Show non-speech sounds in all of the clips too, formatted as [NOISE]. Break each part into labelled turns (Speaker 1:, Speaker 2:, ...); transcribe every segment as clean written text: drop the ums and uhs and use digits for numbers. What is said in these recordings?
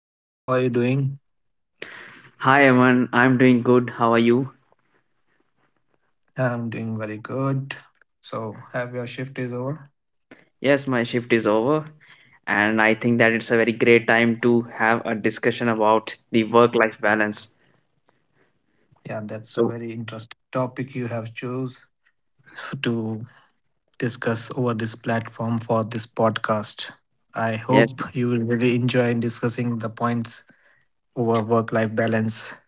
Speaker 1: hi Neeraj, how are you doing?
Speaker 2: Hi Evan, I'm doing good. How are you?
Speaker 1: Yeah, I'm doing very good. So, have your shift is over?
Speaker 2: Yes, my shift is over, and I think that it's a very great time to have a discussion about the work-life balance.
Speaker 1: Yeah, that's a
Speaker 2: So,
Speaker 1: very interesting topic you have chose to discuss over this platform for this podcast. I
Speaker 2: yes,
Speaker 1: hope you will really enjoy in discussing the points over work-life balance.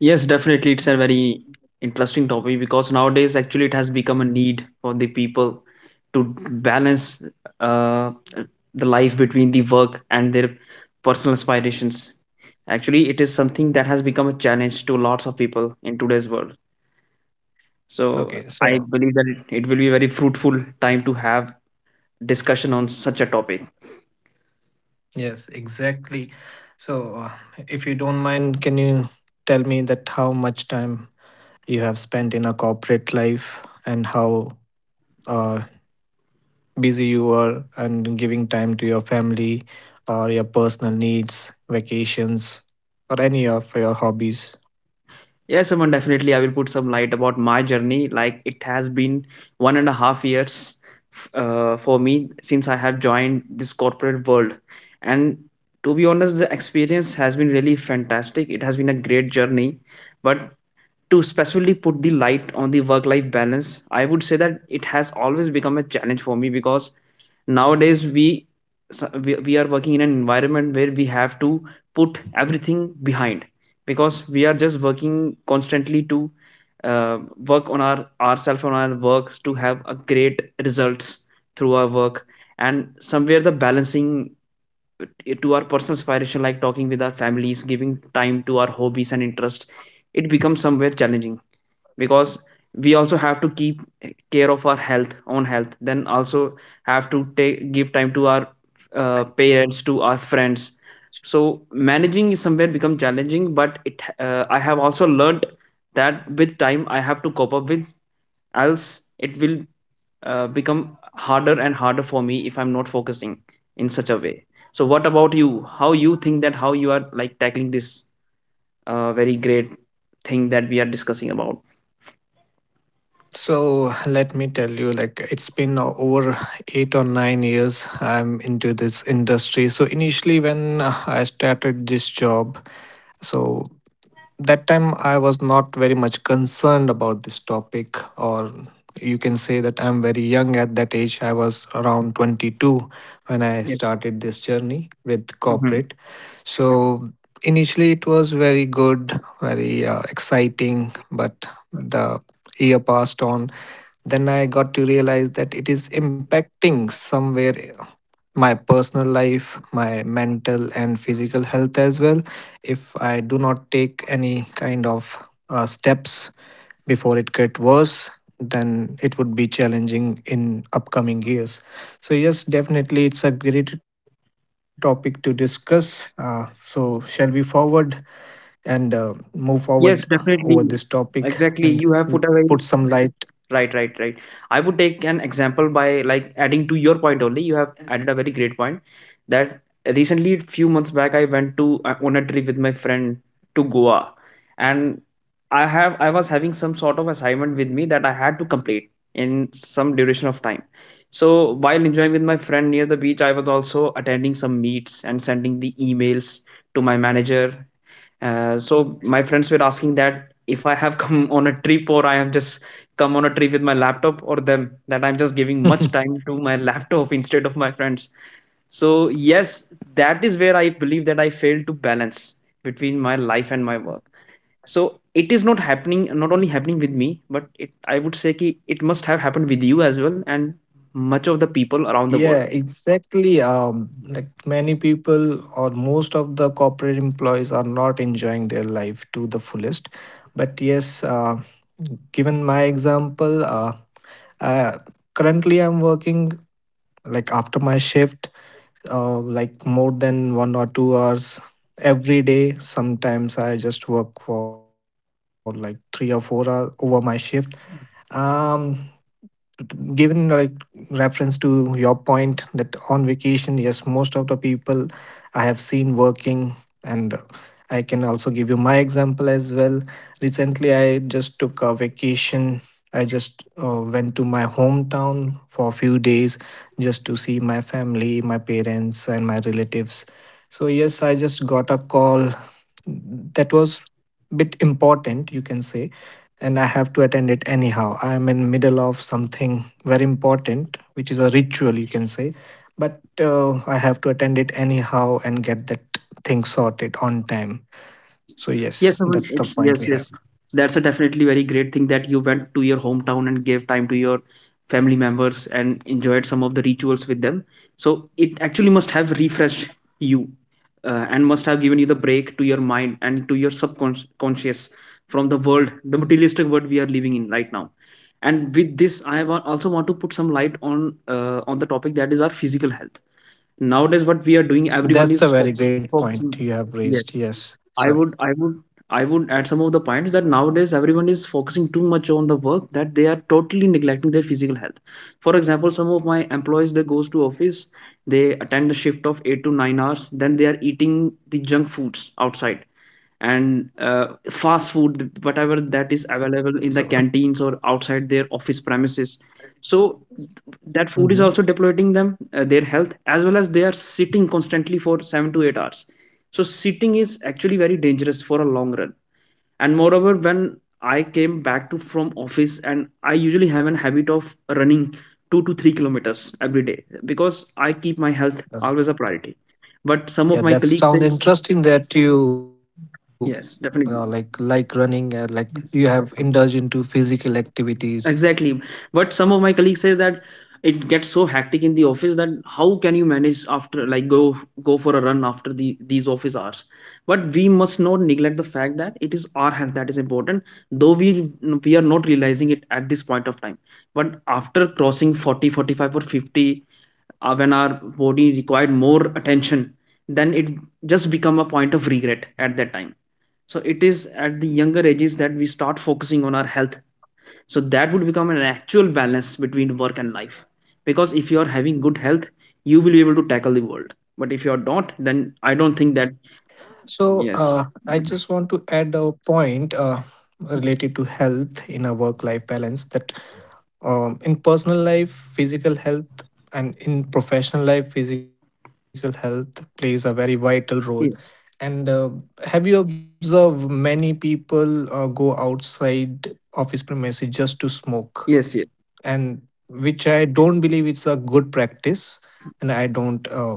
Speaker 2: yes, definitely, it's a very interesting topic because nowadays actually it has become a need for the people to balance uh, the life between the work and their personal aspirations. Actually, it is something that has become a challenge to lots of people in today's world. So
Speaker 1: Okay,
Speaker 2: I
Speaker 1: so
Speaker 2: believe that it will be very fruitful time to have discussion on such a topic.
Speaker 1: yes, exactly. So, if you don't mind, can you tell me that how much time you have spent in a corporate life and how uh, busy you are and giving time to your family or your personal needs, vacations, or any of your hobbies.
Speaker 2: Yes, Aman, definitely I will put some light about my journey. Like it has been 1.5 years for me since I have joined this corporate world. And to be honest, the experience has been really fantastic. It has been a great journey. But to specifically put the light on the work life balance, I would say that it has always become a challenge for me because nowadays we so- we are working in an environment where we have to put everything behind because we are just working constantly to uh, work on ourselves on our works to have a great results through our work. And somewhere the balancing to our personal aspiration, like talking with our families, giving time to our hobbies and interests, it becomes somewhere challenging because we also have to keep care of our health own health, then also have to take give time to our parents, to our friends. So managing is somewhere become challenging, but it I have also learned that with time I have to cope up with, else it will become harder and harder for me if I'm not focusing in such a way. So what about you? How you think that how you are, like, tackling this very great thing that we are discussing about?
Speaker 1: So let me tell you, like it's been over 8 or 9 years I'm into this industry. So initially, when I started this job, so that time I was not very much concerned about this topic, or you can say that I'm very young at that age. I was around 22 when I
Speaker 2: Yes.
Speaker 1: started this journey with corporate. So initially, it was very good, very exciting, but the year passed on. Then I got to realize that it is impacting somewhere my personal life, my mental and physical health as well. If I do not take any kind of steps before it get worse, then it would be challenging in upcoming years. So yes, definitely, it's a great topic to discuss. So shall we forward and move forward over
Speaker 2: Yes,
Speaker 1: this topic
Speaker 2: definitely.
Speaker 1: and
Speaker 2: Exactly. You
Speaker 1: put
Speaker 2: have put a
Speaker 1: some
Speaker 2: very
Speaker 1: light?
Speaker 2: right, right, right. I would take an example by like adding to your point only. You have added a very great point that recently, few months back, I went to on a trip with my friend to Goa, and I was having some sort of assignment with me that I had to complete in some duration of time. So while enjoying with my friend near the beach, I was also attending some meets and sending the emails to my manager. So my friends were asking that if I have [LAUGHS] come on a trip, or I have just come on a trip with my laptop or them, that I'm just giving much
Speaker 1: [LAUGHS]
Speaker 2: time to my [LAUGHS] laptop instead of my friends. So yes, that is where I believe that I failed to balance between my life and my work. So it is not only happening with me, but it, I would say ki it must have happened with you as well and much of the people around the world.
Speaker 1: Yeah, exactly. Like many people or most of the corporate employees are not enjoying their life to the fullest. But yes, given my example, I, currently I'm working like after my shift, like more than 1 or 2 hours every day. Sometimes I just work for like 3 or 4 hours over my shift. Um, Given like reference to your point that on vacation, yes, most of the people I have seen working. And I can also give you my example as well. Recently I just took a vacation. I just went to my hometown for a few days just to see my family, my parents, and my relatives. So yes, I just got a call that was bit important, you can say, and I have to attend it anyhow. I am in middle of something very important, which is a ritual, you can say. But I have to attend it anyhow and get that thing sorted on time. So yes,
Speaker 2: Yes, Aman,
Speaker 1: that's the
Speaker 2: it's
Speaker 1: point
Speaker 2: yes,
Speaker 1: we have.
Speaker 2: yes. That's a definitely very great thing that you went to your hometown and gave time to your family members and enjoyed some of the rituals with them. So it actually must have refreshed you, and must have given you the break to your mind and to your subconscious from the world, the materialistic world we are living in right now. And with this, I also want to put some light on the topic that is our physical health. Nowadays, what we are doing, everyone is
Speaker 1: That's a very great point
Speaker 2: focusing.
Speaker 1: you have raised.
Speaker 2: Yes.
Speaker 1: Yes,
Speaker 2: I
Speaker 1: sorry.
Speaker 2: would I would I would add some of the points that nowadays everyone is focusing too much on the work that they are totally neglecting their physical health. For example, some of my employees, they goes to office, they attend a shift of 8 to 9 hours, then they are eating the junk foods outside and fast food, whatever that is
Speaker 1: So.
Speaker 2: available in the canteens or outside their office premises. So that
Speaker 1: Mhm.
Speaker 2: food is also depleting them, their health, as well as they are sitting constantly for 7 to 8 hours. So sitting is actually very dangerous for a long run. And moreover, when I came back to from office, and I usually have an habit of running 2 to 3 kilometers every day because I keep my health
Speaker 1: Yes.
Speaker 2: always a priority. But some of
Speaker 1: Yeah,
Speaker 2: my
Speaker 1: that
Speaker 2: colleagues
Speaker 1: sound
Speaker 2: says
Speaker 1: interesting that you like
Speaker 2: yes definitely.
Speaker 1: running and like you have indulged into physical activities.
Speaker 2: Exactly. But some of my colleagues says that it gets so hectic in the office that how can you manage after like go for a run after the these office hours? But we must not neglect the fact that it is our health that is important, though we are not realizing it at this point of time. But after crossing 40, 45, or 50, when our body required more attention, then it just become a point of regret at that time. So it is at the younger ages that we start focusing on our health, so that would become an actual balance between work and life, because if you are having good health, you will be able to tackle the world, but if you are not, then I don't think that
Speaker 1: So I
Speaker 2: yes
Speaker 1: just want to add a point related to health in a work-life balance, that in personal life, physical health and in professional life, physical health plays a very vital role. And
Speaker 2: yes
Speaker 1: have you observed many people go outside office premises just to smoke?
Speaker 2: yes yes
Speaker 1: And which I don't believe it's a good practice, and I don't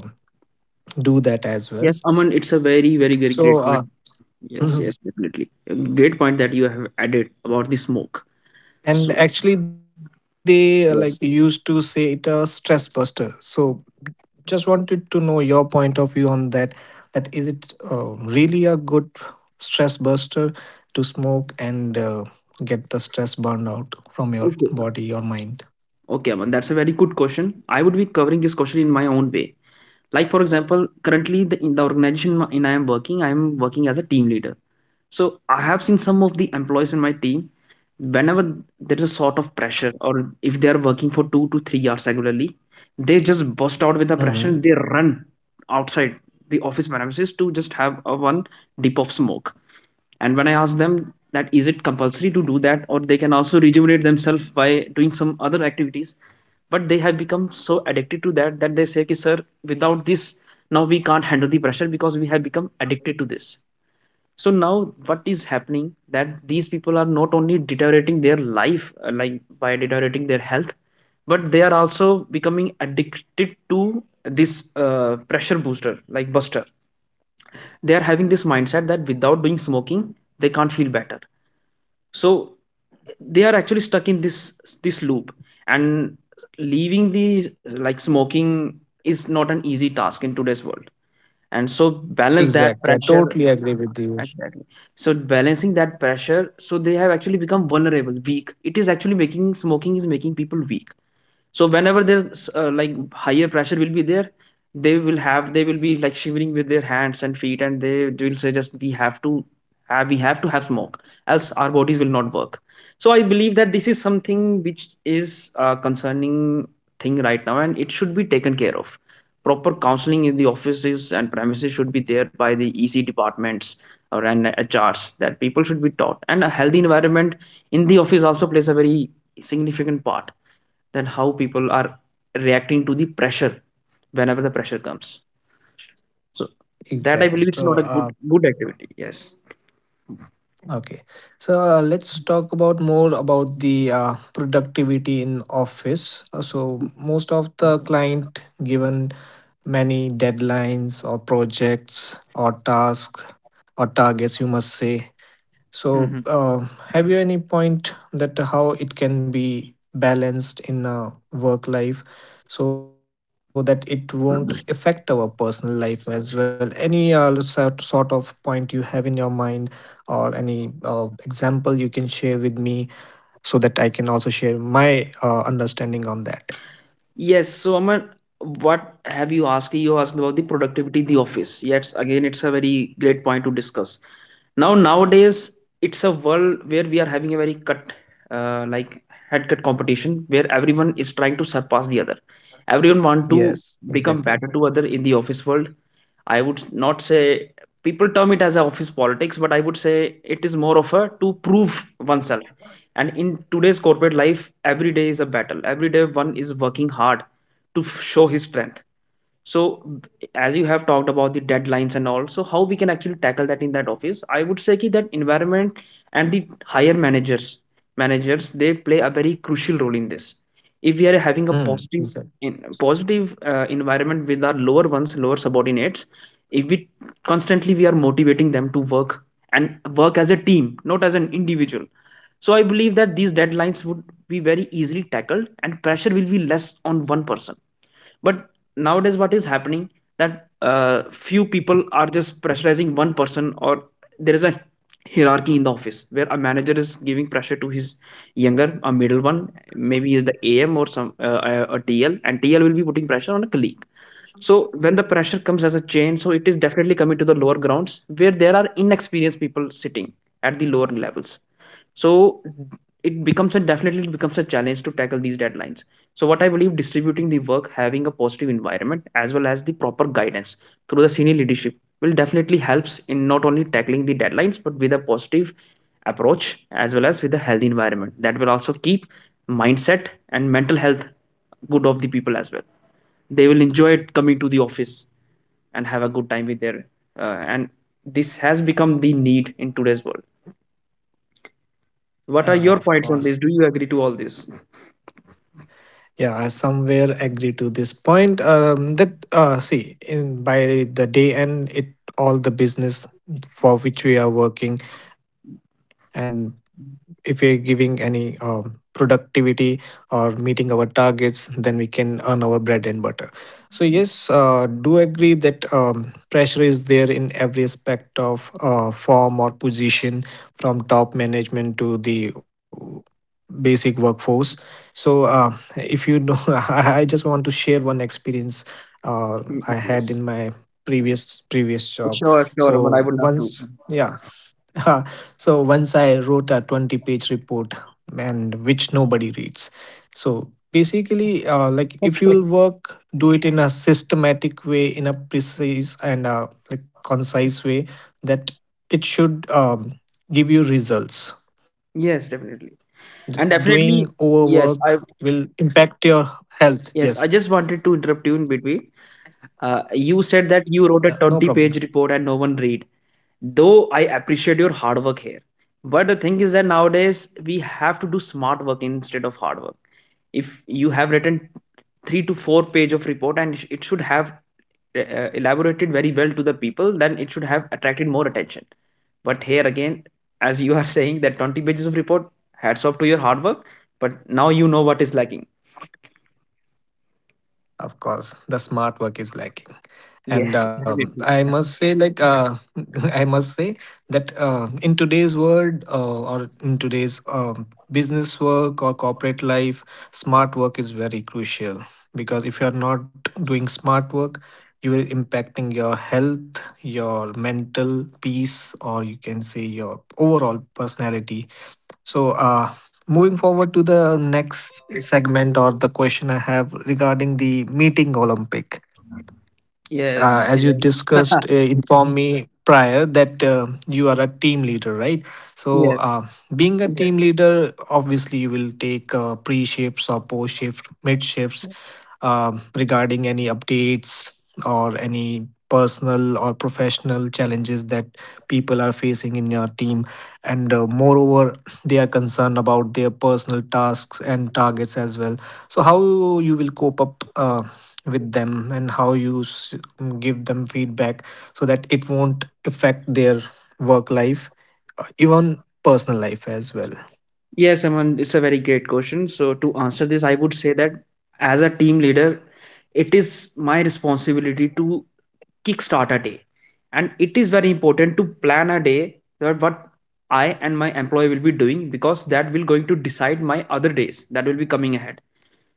Speaker 1: do that as well.
Speaker 2: yes Aman it's a very very very
Speaker 1: So
Speaker 2: great
Speaker 1: uh,
Speaker 2: point. Yes,
Speaker 1: [LAUGHS]
Speaker 2: yes, definitely, a great point that you have added about the smoke.
Speaker 1: And
Speaker 2: So
Speaker 1: actually, they like used to
Speaker 2: yes,
Speaker 1: say it a stress buster. So just wanted to know your point of view on that. That is it really a good stress buster to smoke and get the stress burned out from your
Speaker 2: okay.
Speaker 1: body or mind?
Speaker 2: Okay, Aman, that's a very good question. I would be covering this question in my own way. Like, for example, currently the, in the organization in I am working, I am working as a team leader. So I have seen some of the employees in my team, whenever there is a sort of pressure, or if they are working for 2 to 3 hours regularly, they just burst out with the pressure.
Speaker 1: Hmm.
Speaker 2: They run outside the office premises to just have a one dip of smoke. And when I ask them that is it compulsory to do that, or they can also rejuvenate themselves by doing some other activities, but they have become so addicted to that that they say, "Ki, sir, without this, now we can't handle the pressure because we have become addicted to this." So now what is happening that these people are not only deteriorating their life, like by deteriorating their health, but they are also becoming addicted to this pressure booster, like buster. They are having this mindset that without doing smoking, they can't feel better. So they are actually stuck in this this loop, and leaving the, like, smoking is not an easy task in today's world. And so balance that
Speaker 1: Exactly. I
Speaker 2: pressure
Speaker 1: totally agree with you.
Speaker 2: exactly. So balancing that pressure, so they have actually become vulnerable, weak. It is actually making, smoking is making people weak. So whenever there's like higher pressure will be there, they will have, they will be like shivering with their hands and feet, and they will say just we have to have, we have to have smoke, else our bodies will not work. So I believe that this is something which is a concerning thing right now, and it should be taken care of. Proper counseling in the offices and premises should be there by the ec departments or and HRs, that people should be taught, and a healthy environment in the office also plays a very significant part than how people are reacting to the pressure whenever the pressure comes. So that I
Speaker 1: Exactly.
Speaker 2: believe
Speaker 1: So,
Speaker 2: it's not a good activity. Yes.
Speaker 1: okay. So let's talk about more about the productivity in office. So most of the client given many deadlines or projects or tasks or targets, you must say. So,
Speaker 2: Hmm.
Speaker 1: have you any point that how it can be balanced in a work life so that it won't affect our personal life as well? Any sort of point you have in your mind or any example you can share with me so that I can also share my understanding on that?
Speaker 2: Yes. So Amar, what have you asked? You asked about the productivity in the office. Yes, again, it's a very great point to discuss. Now nowadays, it's a world where we are having a very cut, like head cut competition, where everyone is trying to surpass the other. Everyone want to
Speaker 1: Yes,
Speaker 2: become
Speaker 1: exactly.
Speaker 2: better to other in the office world. I would not say people term it as a office politics, but I would say it is more of a to prove oneself. And in today's corporate life, every day is a battle. Every day one is working hard to show his strength. So as you have talked about the deadlines and all, so how we can actually tackle that in that office? I would say ki that environment and the higher managers, managers they play a very crucial role in this. If we are having a
Speaker 1: Hmm,
Speaker 2: positive
Speaker 1: exactly.
Speaker 2: in, positive environment with our lower ones, lower subordinates, if we constantly we are motivating them to work and work as a team, not as an individual. So I believe that these deadlines would be very easily tackled and pressure will be less on one person, but nowadays what is happening that few people are just pressurizing one person, or there is a hierarchy in the office where a manager is giving pressure to his younger a middle one, maybe is the am or some a tl, and tl will be putting pressure on a colleague. So when the pressure comes as a chain, so it is definitely coming to the lower grounds where there are inexperienced people sitting at the lower levels. So it becomes a definitely becomes a challenge to tackle these deadlines. So what I believe, distributing the work, having a positive environment as well as the proper guidance through the senior leadership will definitely helps in not only tackling the deadlines but with a positive approach as well as with a healthy environment, that will also keep mindset and mental health good of the people as well. They will enjoy it coming to the office and have a good time with their and this has become the need in today's world. What are
Speaker 1: Uh,
Speaker 2: your
Speaker 1: of
Speaker 2: points on
Speaker 1: course.
Speaker 2: this? Do you agree to all this?
Speaker 1: Yeah, I somewhere agree to this point. That see, in by the day end, it all the business for which we are working, and if we're giving any productivity or meeting our targets, then we can earn our bread and butter. So yes, do agree that pressure is there in every aspect of form or position, from top management to the basic workforce. So if you know [LAUGHS] I just want to share one experience I
Speaker 2: [LAUGHS]
Speaker 1: had
Speaker 2: Yes.
Speaker 1: in my previous job.
Speaker 2: Sure, sure, but I
Speaker 1: So
Speaker 2: would love to.
Speaker 1: once, yeah. [LAUGHS] So once I wrote a 20-page report, and which nobody reads. So basically, like if you
Speaker 2: Okay.
Speaker 1: will work, do it in a systematic way, in a precise and like concise way, that it should give you results.
Speaker 2: Yes, definitely.
Speaker 1: Doing
Speaker 2: And
Speaker 1: overwork
Speaker 2: definitely.
Speaker 1: will
Speaker 2: Yes, I,
Speaker 1: impact your health. Yes.
Speaker 2: yes, I just wanted to interrupt you in between. You said
Speaker 1: Yeah,
Speaker 2: that
Speaker 1: no
Speaker 2: you wrote a
Speaker 1: problem.
Speaker 2: 20-page report and no one read. Though I appreciate your hard work here, but the thing is that nowadays we have to do smart work instead of hard work. If you have written 3 to 4 page of report, and it should have elaborated very well to the people, then it should have attracted more attention. But here again, as you are [LAUGHS] saying that 20 pages of report, hats off to your hard work, but now you know what is lacking.
Speaker 1: Of course, the smart work is lacking. And
Speaker 2: Yes, [LAUGHS]
Speaker 1: I
Speaker 2: definitely.
Speaker 1: must say, like, [LAUGHS] I must say that in today's world or in today's business work or corporate life, smart work is very crucial, because if you're not doing smart work, you are impacting your health, your mental peace, or you can say your overall personality. So, moving forward to the next segment or the question I have regarding the meeting Olympic,
Speaker 2: Yes.
Speaker 1: as you
Speaker 2: Yes,
Speaker 1: discussed, informed me prior that you are a team leader, right?
Speaker 2: [LAUGHS]
Speaker 1: So,
Speaker 2: yes.
Speaker 1: being a, yeah, team leader, obviously, you will take pre shifts or post shift, mid shifts, regarding any updates or any personal or professional challenges that people are facing in your team. And moreover, they are concerned about their personal tasks and targets as well. So how you will cope up with them and how you give them feedback so that it won't affect their work life, even personal life as well.
Speaker 2: Yes, Aman, it's a very great question. So, to answer this, I would say that as a team leader, it is my responsibility to kickstart a day. And it is very important to plan a day that what I and my employee will be doing, because that will going to decide my other days that will be coming ahead.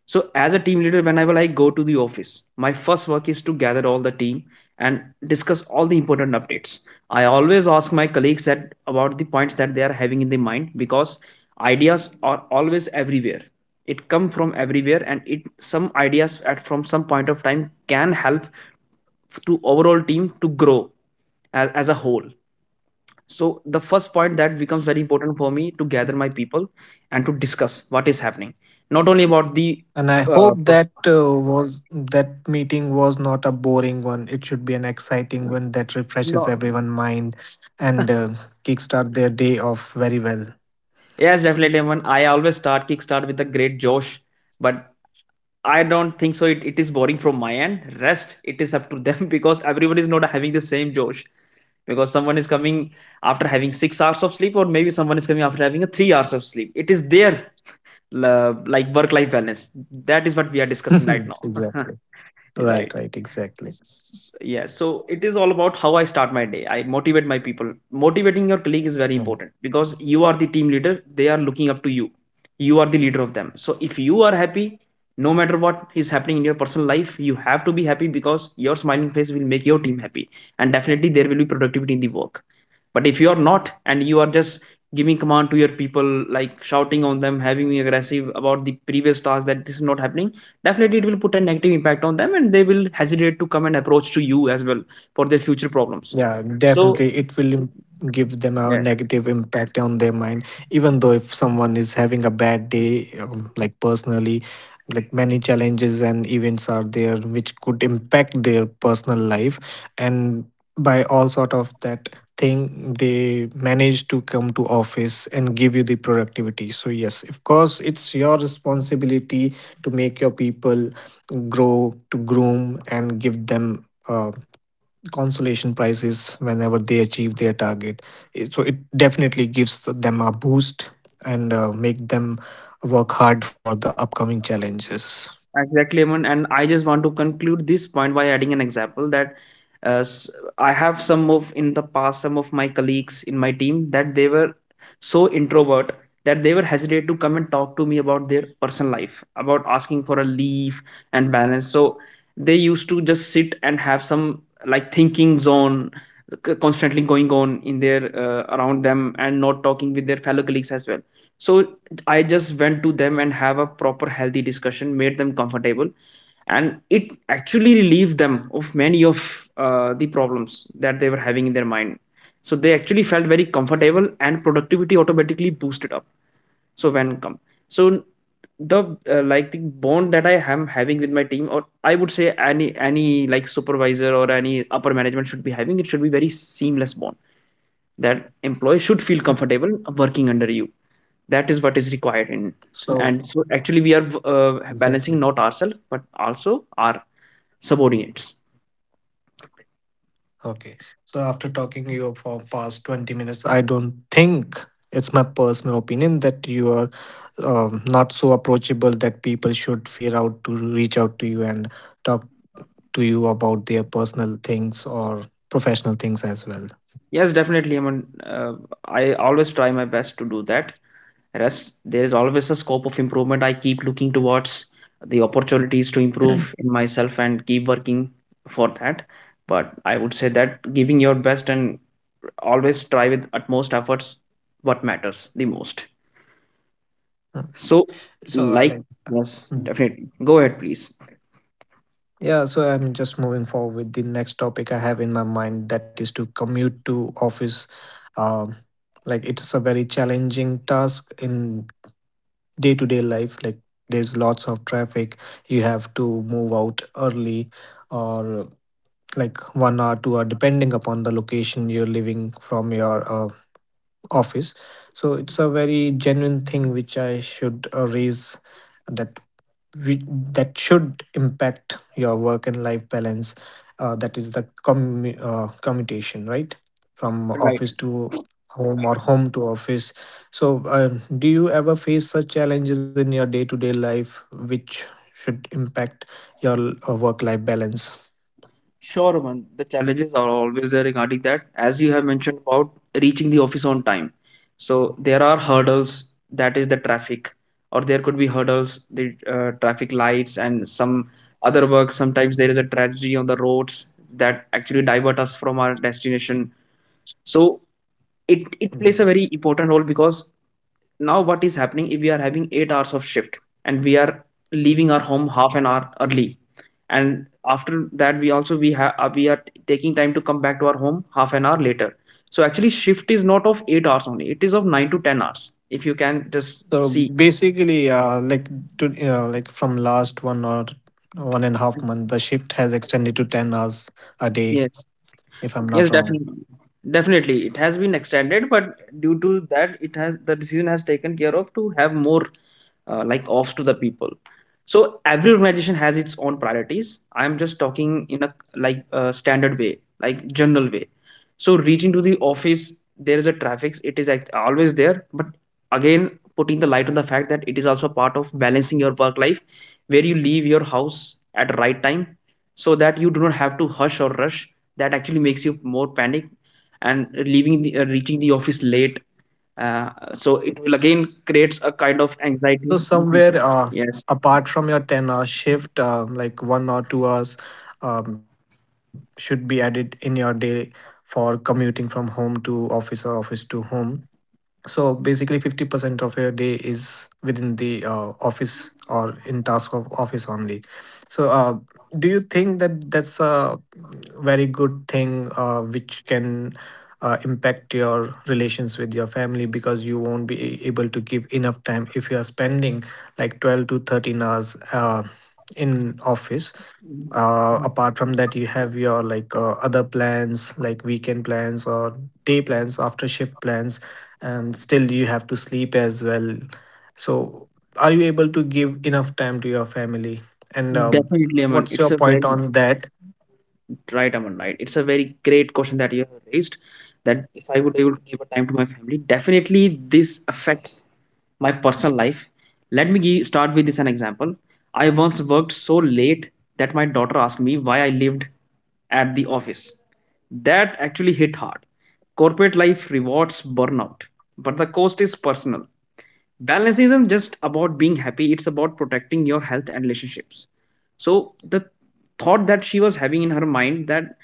Speaker 2: So as a team leader, whenever I go to the office, my first work is to gather all the team and discuss all the important updates. I always ask my colleagues that about the points that they are having in their mind, because ideas are always everywhere. It come from everywhere, and it some ideas at from some point of time can help to overall team to grow as a whole. So the first point that becomes very important for me to gather my people and to discuss what is happening, not only about the
Speaker 1: And I hope
Speaker 2: uh, per-
Speaker 1: that was that meeting was not a boring one, it should be an exciting one that refreshes
Speaker 2: no.
Speaker 1: everyone's mind and kickstart their day off very well.
Speaker 2: Yes definitely, Aman. I always start kickstart with a great josh, but I don't think so it is boring from my end, rest it is up to them. [LAUGHS] Because everyone is not having the same josh, because someone is coming after having 6 hours of sleep, or maybe someone is coming after having a 3 hours of sleep. It is their like work life balance, that is what we are discussing right
Speaker 1: [LAUGHS] Exactly.
Speaker 2: now. [LAUGHS]
Speaker 1: Right,
Speaker 2: Right.
Speaker 1: right, exactly.
Speaker 2: Yeah, so it is all about how I start my day. I motivate my people. Motivating your colleague is very important, because you are the team leader, they are looking up to you, you are the leader of them. So if you are happy, no matter what is happening in your personal life, you have to be happy, because your smiling face will make your team happy, and definitely there will be productivity in the work. But if you are not, and you are just giving command to your people, like shouting on them, having aggressive about the previous task, that this is not happening, definitely it will put a negative impact on them, and they will hesitate to come and approach to you as well for their future problems.
Speaker 1: Yeah,
Speaker 2: So
Speaker 1: definitely. Give them a
Speaker 2: yes.
Speaker 1: negative impact on their mind. Even though if someone is having a bad day, like personally, like many challenges and events are there which could impact their personal life. And by all sort of that thing, they manage to come to office and give you the productivity. So yes, of course, it's your responsibility to make your people grow, to groom and give them consolation prizes whenever they achieve their target. So it definitely gives them a boost and make them work hard for the upcoming challenges.
Speaker 2: Exactly, Aman. And I just want to conclude this point by adding an example that uh, s- I have some of in the past, some of my colleagues in my team that they were so introvert, that they were hesitant to come and talk to me about their personal life, about asking for a leave and balance. So they used to just sit and have some like thinking zone constantly going on in their around them and not talking with their fellow colleagues as well. So I just went to them and have a proper healthy discussion, made them comfortable, and it actually relieved them of many of the problems that they were having in their mind. So they actually felt very comfortable, and productivity automatically boosted up. So when come, so the like the bond that I am having with my team, or I would say any like supervisor or any upper management should be having, it should be very seamless bond that employee should feel
Speaker 1: Mm.
Speaker 2: comfortable working under you. That is what is required in.
Speaker 1: So.
Speaker 2: And so actually we are
Speaker 1: Exactly.
Speaker 2: balancing not ourselves but also our subordinates.
Speaker 1: Okay. So after talking you for past 20 minutes, I don't think, it's my personal opinion that you are not so approachable that people should fear out to reach out to you and talk to you about their personal things or professional things as well.
Speaker 2: Yes definitely, I mean, I always try my best to do that. Rest there is always a scope of improvement, I keep looking towards the opportunities to improve in myself and keep working for that. But I would say that giving your best and always try with utmost efforts, what matters the most.
Speaker 1: Mm.
Speaker 2: So
Speaker 1: So
Speaker 2: like,
Speaker 1: I'll.
Speaker 2: yes
Speaker 1: Mm.
Speaker 2: definitely, go ahead please.
Speaker 1: Yeah, so I'm just moving forward with the next topic I have in my mind, that is to commute to office. Um, like it's a very challenging task in day-to-day life. Like there's lots of traffic. You have to move out early or like 1 hour, 2 hour, depending upon the location you're living from your office. So it's a very genuine thing which I should raise, that we, that should impact your work and life balance, that is the commutation, right, from office
Speaker 2: Right.
Speaker 1: to home or home to office. So do you ever face such challenges in your day-to-day life which should impact your work-life balance?
Speaker 2: Sure, man. The challenges are always there regarding that. As you have mentioned about reaching the office on time. So there are hurdles, that is the traffic, or there could be hurdles, the traffic lights and some other work. Sometimes there is a tragedy on the roads that actually divert us from our destination. So it plays a
Speaker 1: Mhm.
Speaker 2: very important role, because now what is happening, if we are having 8 hours of shift and we are leaving our home half an hour early, and after that we also we have we are taking time to come back to our home half an hour later, so actually shift is not of 8 hours only, it is of 9 to 10 hours, if you can just
Speaker 1: So
Speaker 2: see.
Speaker 1: basically, like to like from last 1 or 1.5 month, the shift has extended to 10 hours a day,
Speaker 2: Yes.
Speaker 1: if I'm not
Speaker 2: Yes
Speaker 1: wrong.
Speaker 2: definitely. Definitely it has been extended, but due to that it has the decision has taken care of to have more like offs to the people. So every organization has its own priorities, I am just talking in a like standard way, like general way. So reaching to the office, there is a traffic, it is always there, but again, putting the light on the fact that it is also part of balancing your work life, where you leave your house at right time, so that you do not have to hush or rush, that actually makes you more panic and leaving the, reaching the office late. uh, so it will again creates a kind of
Speaker 1: So
Speaker 2: anxiety in
Speaker 1: somewhere
Speaker 2: people. Yes,
Speaker 1: apart from your 10-hour shift, like 1 or 2 hours should be added in your day for commuting from home to office or office to home. So basically, 50% of your day is within the office or in task of office only. So, do you think that that's a very good thing which can impact your relations with your family, because you won't be able to give enough time if you are spending like 12 to 13 hours in office, apart from that, you have your like other plans, like weekend plans or day plans, after shift plans, and still you have to sleep as well. So, are you able to give enough time to your family? And
Speaker 2: definitely, Aman.
Speaker 1: what's
Speaker 2: It's
Speaker 1: your
Speaker 2: a
Speaker 1: point
Speaker 2: very.
Speaker 1: on that?
Speaker 2: Right, Aman, right. It's a very great question that you have raised. That if I would able to give a time to my family, definitely this affects my personal life. Let me give, start with this an example. I once worked so late that my daughter asked me why I lived at the office. That actually hit hard. Corporate life rewards burnout, but the cost is personal. Balance isn't just about being happy, it's about protecting your health and relationships. So the thought that she was having in her mind, that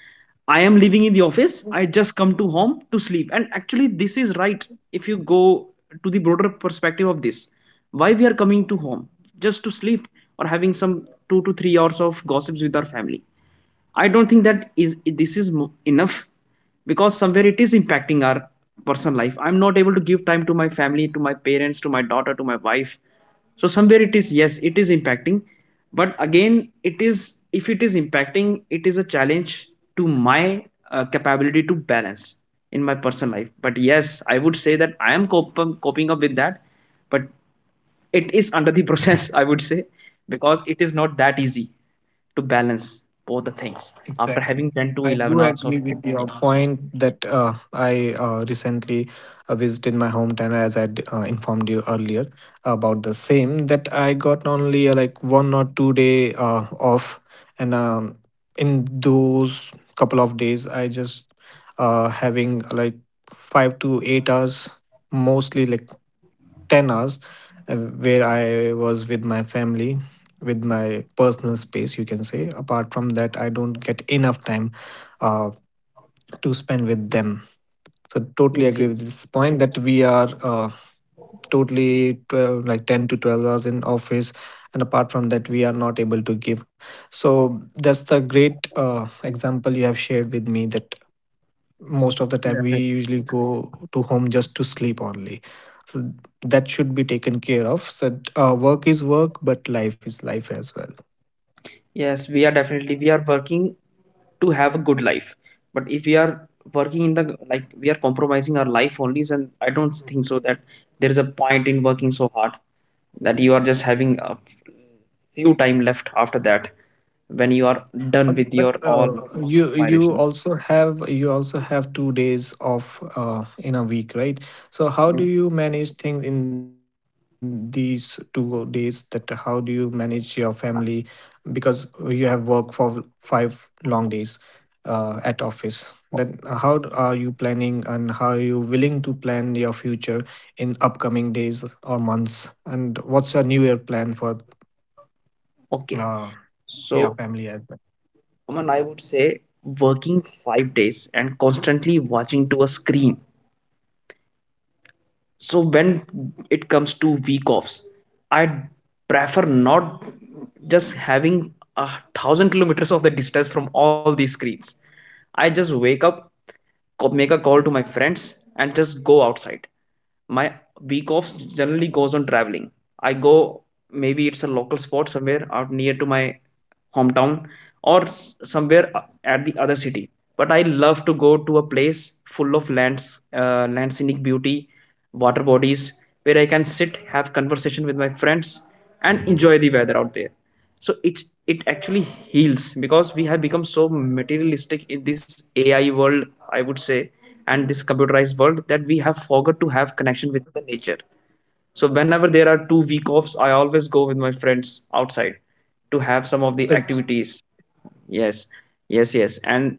Speaker 2: I am living in the office, I just come to home to sleep. And actually, this is right if you go to the broader perspective of this. Why we are coming to home? Just to sleep or having some 2 to 3 hours of gossips with our family. I don't think that is enough, because somewhere it is impacting our personal life. I'm not able to give time to my family, to my parents, to my daughter, to my wife. So somewhere it is, yes, it is impacting. But again, it is, if it is impacting, it is a challenge to my capability to balance in my personal life. But yes, I would say that I am coping up with that, but it is under the process, I would say, because it is not that easy to balance both the things after
Speaker 1: Exactly.
Speaker 2: having 10 to
Speaker 1: I do
Speaker 2: 11 hours
Speaker 1: agree
Speaker 2: of
Speaker 1: with
Speaker 2: shift.
Speaker 1: your
Speaker 2: Yes.
Speaker 1: point that I recently visited my hometown, as I informed you earlier about the same. That I got only like 1 or 2 day off, and in those couple of days, I just having like 5 to 8 hours, mostly like 10 hours, where I was with my family, with my personal space, you can say. Apart from that, I don't get enough time uh, to spend with them. So totally
Speaker 2: Yes.
Speaker 1: agree with
Speaker 2: Yes
Speaker 1: this point, that we are totally 12, like 10 to 12 hours in office, and apart from that we are not able to give. So that's the great example you have shared with me, that most of the time we
Speaker 2: definitely.
Speaker 1: usually go to home just to sleep only. So that should be taken care of. So work is work but life is life as well.
Speaker 2: Yes, we are definitely, we are working to have a good life, but if we are working in the like, we are compromising our life only, and I don't think so that there is a point in working so hard that you are just having a few time left after that, when you are done with
Speaker 1: But
Speaker 2: your all
Speaker 1: you you
Speaker 2: inspiration.
Speaker 1: also have you also have 2 days off in a week, right? So how do
Speaker 2: Mm.
Speaker 1: you manage things in these 2 days? That how do you manage your family, because you have work for five long days at office. Then how are you planning and how are you willing to plan your future in upcoming days or months? And what's your New Year plan for
Speaker 2: Okay,
Speaker 1: uh, your
Speaker 2: so
Speaker 1: family?
Speaker 2: Aman, I would say working five days and constantly watching to a screen. So when it comes to week offs, I prefer not just having a thousand kilometers of the distance from all these screens. I just wake up make a call to my friends and just go outside. My week offs generally goes on traveling. I go, maybe it's a local spot somewhere out near to my hometown or somewhere at the other city, but I love to go to a place full of lands, land, scenic beauty, water bodies, where I can sit, have conversation with my friends and enjoy the weather out there. So it actually heals, because we have become so materialistic in this AI world, I would say, and this computerized world, that we have forgot to have connection with the nature. So whenever there are two-week offs, I always go with my friends outside to have some of the
Speaker 1: So it's
Speaker 2: activities. Yes. Yes, yes, and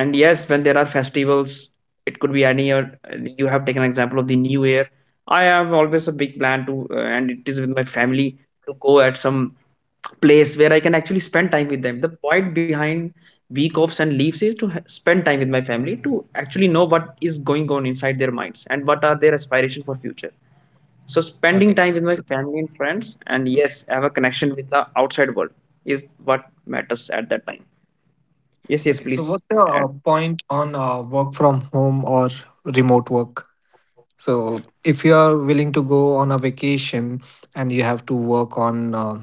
Speaker 2: yes, when there are festivals, it could be any year, you have taken example of the new year, I have always a big plan to and it is with my family, to go at some place where I can actually spend time with them. The point behind week offs and leaves is to spend time with my family, to actually know what is going on inside their minds and what are their aspirations for future. So
Speaker 1: okay.
Speaker 2: spending time with
Speaker 1: So
Speaker 2: my family and friends, and yes, have a connection with the outside world is what matters at that time. Yes, yes,
Speaker 1: okay. So
Speaker 2: please.
Speaker 1: what's your point on work from home or remote work? So if you are willing to go on a vacation and you have to work on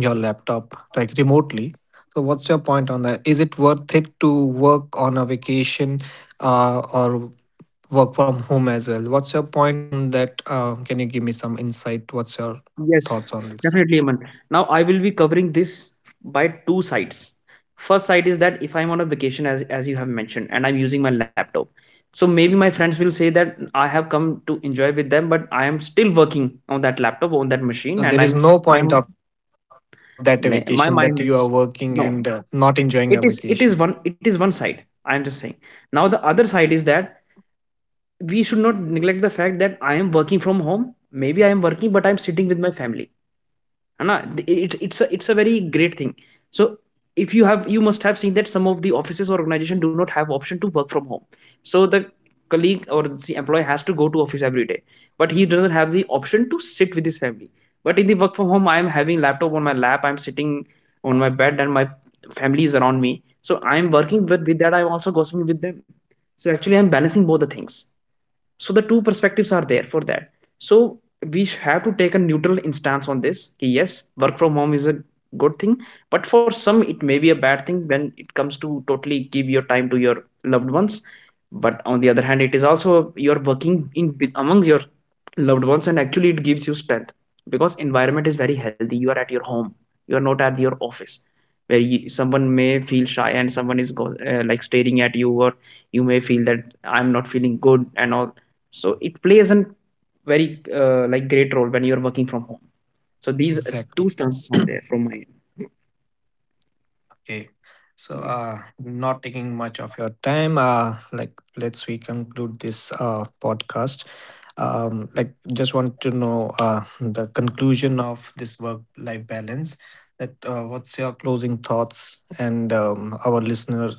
Speaker 1: your laptop like remotely, so what's your point on that? Is it worth it to work on a vacation or work from home as well. What's your point on that? Can you give me some insight? What's your
Speaker 2: Yes,
Speaker 1: thoughts on this?
Speaker 2: definitely, Aman. Now I will be covering this by two sides. First side is that if I'm on a vacation, as you have mentioned, and I'm using my laptop, so maybe my friends will say that I have come to enjoy with them, but I am still working on that laptop, on that
Speaker 1: So
Speaker 2: machine, and
Speaker 1: there is
Speaker 2: I'm
Speaker 1: no
Speaker 2: my
Speaker 1: point of that vacation that you are
Speaker 2: my
Speaker 1: working
Speaker 2: mind
Speaker 1: and
Speaker 2: is
Speaker 1: not enjoying
Speaker 2: no.
Speaker 1: your vacation.
Speaker 2: It is one side. I am just saying. Now the other side is that we should not neglect the fact that I am working from home. Maybe I am working, but I'm sitting with my family, and it's a very great thing. So if you have, you must have seen that some of the offices or organization do not have option to work from home, so the colleague or the employee has to go to office every day, but he doesn't have the option to sit with his family. But in the work from home, I am having laptop on my lap, I'm sitting on my bed and my family is around me. So I'm working with that I'm also gossiping with them, so actually I'm balancing both the things. So the two perspectives are there for that. So we have to take a neutral instance on this कि yes, work from home is a good thing, but for some it may be a bad thing when it comes to totally give your time to your loved ones. But on the other hand, it is also, you're working among your loved ones, and actually it gives you strength, because environment is very healthy, you are at your home, you are not at your office, where you, someone may feel shy and someone is like staring at you, or you may feel that I'm not feeling good and all. So it plays a very like great role when you're working from home. So these two
Speaker 1: Exactly.
Speaker 2: stances are there
Speaker 1: [CLEARS THROAT]
Speaker 2: from my end.
Speaker 1: Okay. So,
Speaker 2: Yeah.
Speaker 1: not taking much of your time, like let's we conclude this podcast. Like just want to know the conclusion of this work-life balance. That what's your closing thoughts and our listener,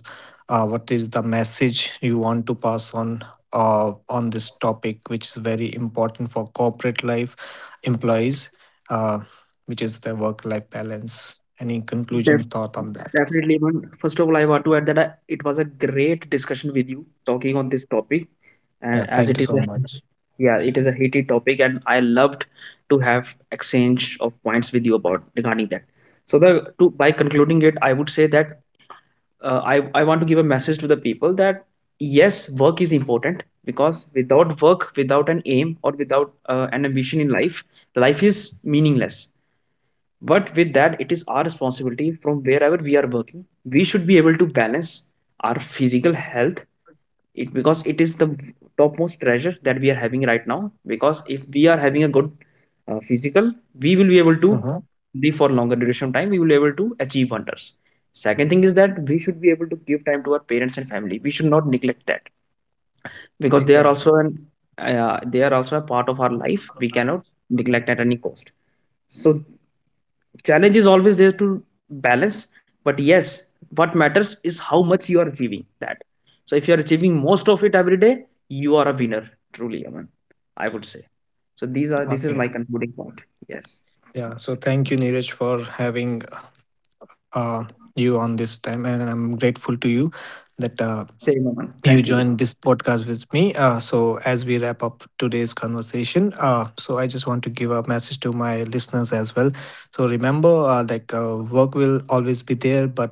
Speaker 1: what is the message you want to pass on this topic, which is very important for corporate life employees, uh, which is the work-life balance. Any conclusion
Speaker 2: Def-
Speaker 1: thought on that?
Speaker 2: Definitely, man, first of all I want to add that it was a great discussion with you talking on this topic, and
Speaker 1: Yeah,
Speaker 2: as it
Speaker 1: thank you
Speaker 2: is
Speaker 1: so
Speaker 2: a,
Speaker 1: much.
Speaker 2: yeah, it is a heated topic, and I loved to have exchange of points with you about regarding that. So the, to by concluding it, I would say that, I want to give a message to the people that yes, work is important, because without work, without an aim, or without an ambition in life, life is meaningless. But with that, it is our responsibility, from wherever we are working, we should be able to balance our physical health, it, because it is the topmost treasure that we are having right now. Because if we are having a good physical, we will be able to
Speaker 1: Uh-huh.
Speaker 2: live for longer duration of time, we will be able to achieve wonders. Second thing is that we should be able to give time to our parents and family, we should not neglect that, because they are
Speaker 1: Exactly.
Speaker 2: also an, they are also a part of our life, we cannot neglect at any cost. So challenge is always there to balance, but yes, what matters is how much you are achieving that. So if you are achieving most of it every day, you are a winner, truly, Aman, I would say. So these are this is
Speaker 1: Okay.
Speaker 2: my concluding point. Yes.
Speaker 1: Yeah. So thank you, Neeraj, for having uh, you on this time, and I'm grateful to you that
Speaker 2: Same, Aman,
Speaker 1: you
Speaker 2: thank you.
Speaker 1: joined this podcast with me. So, as we wrap up today's conversation, so I just want to give a message to my listeners as well. So, remember, like work will always be there, but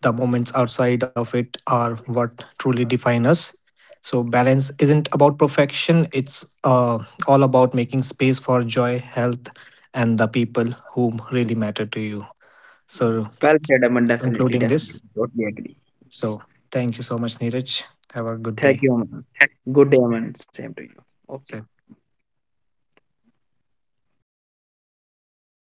Speaker 1: the moments outside of it are what truly define us. So, balance isn't about perfection; it's all about making space for joy, health, and the people who really matter to you. So,
Speaker 2: Well said, Aman. Definitely,
Speaker 1: concluding this,
Speaker 2: definitely, totally agree. Yes.
Speaker 1: so thank you so much, Neeraj. Have a good
Speaker 2: Thank
Speaker 1: day.
Speaker 2: you, Aman. Good day, Aman, same to you. Okay.
Speaker 1: Same.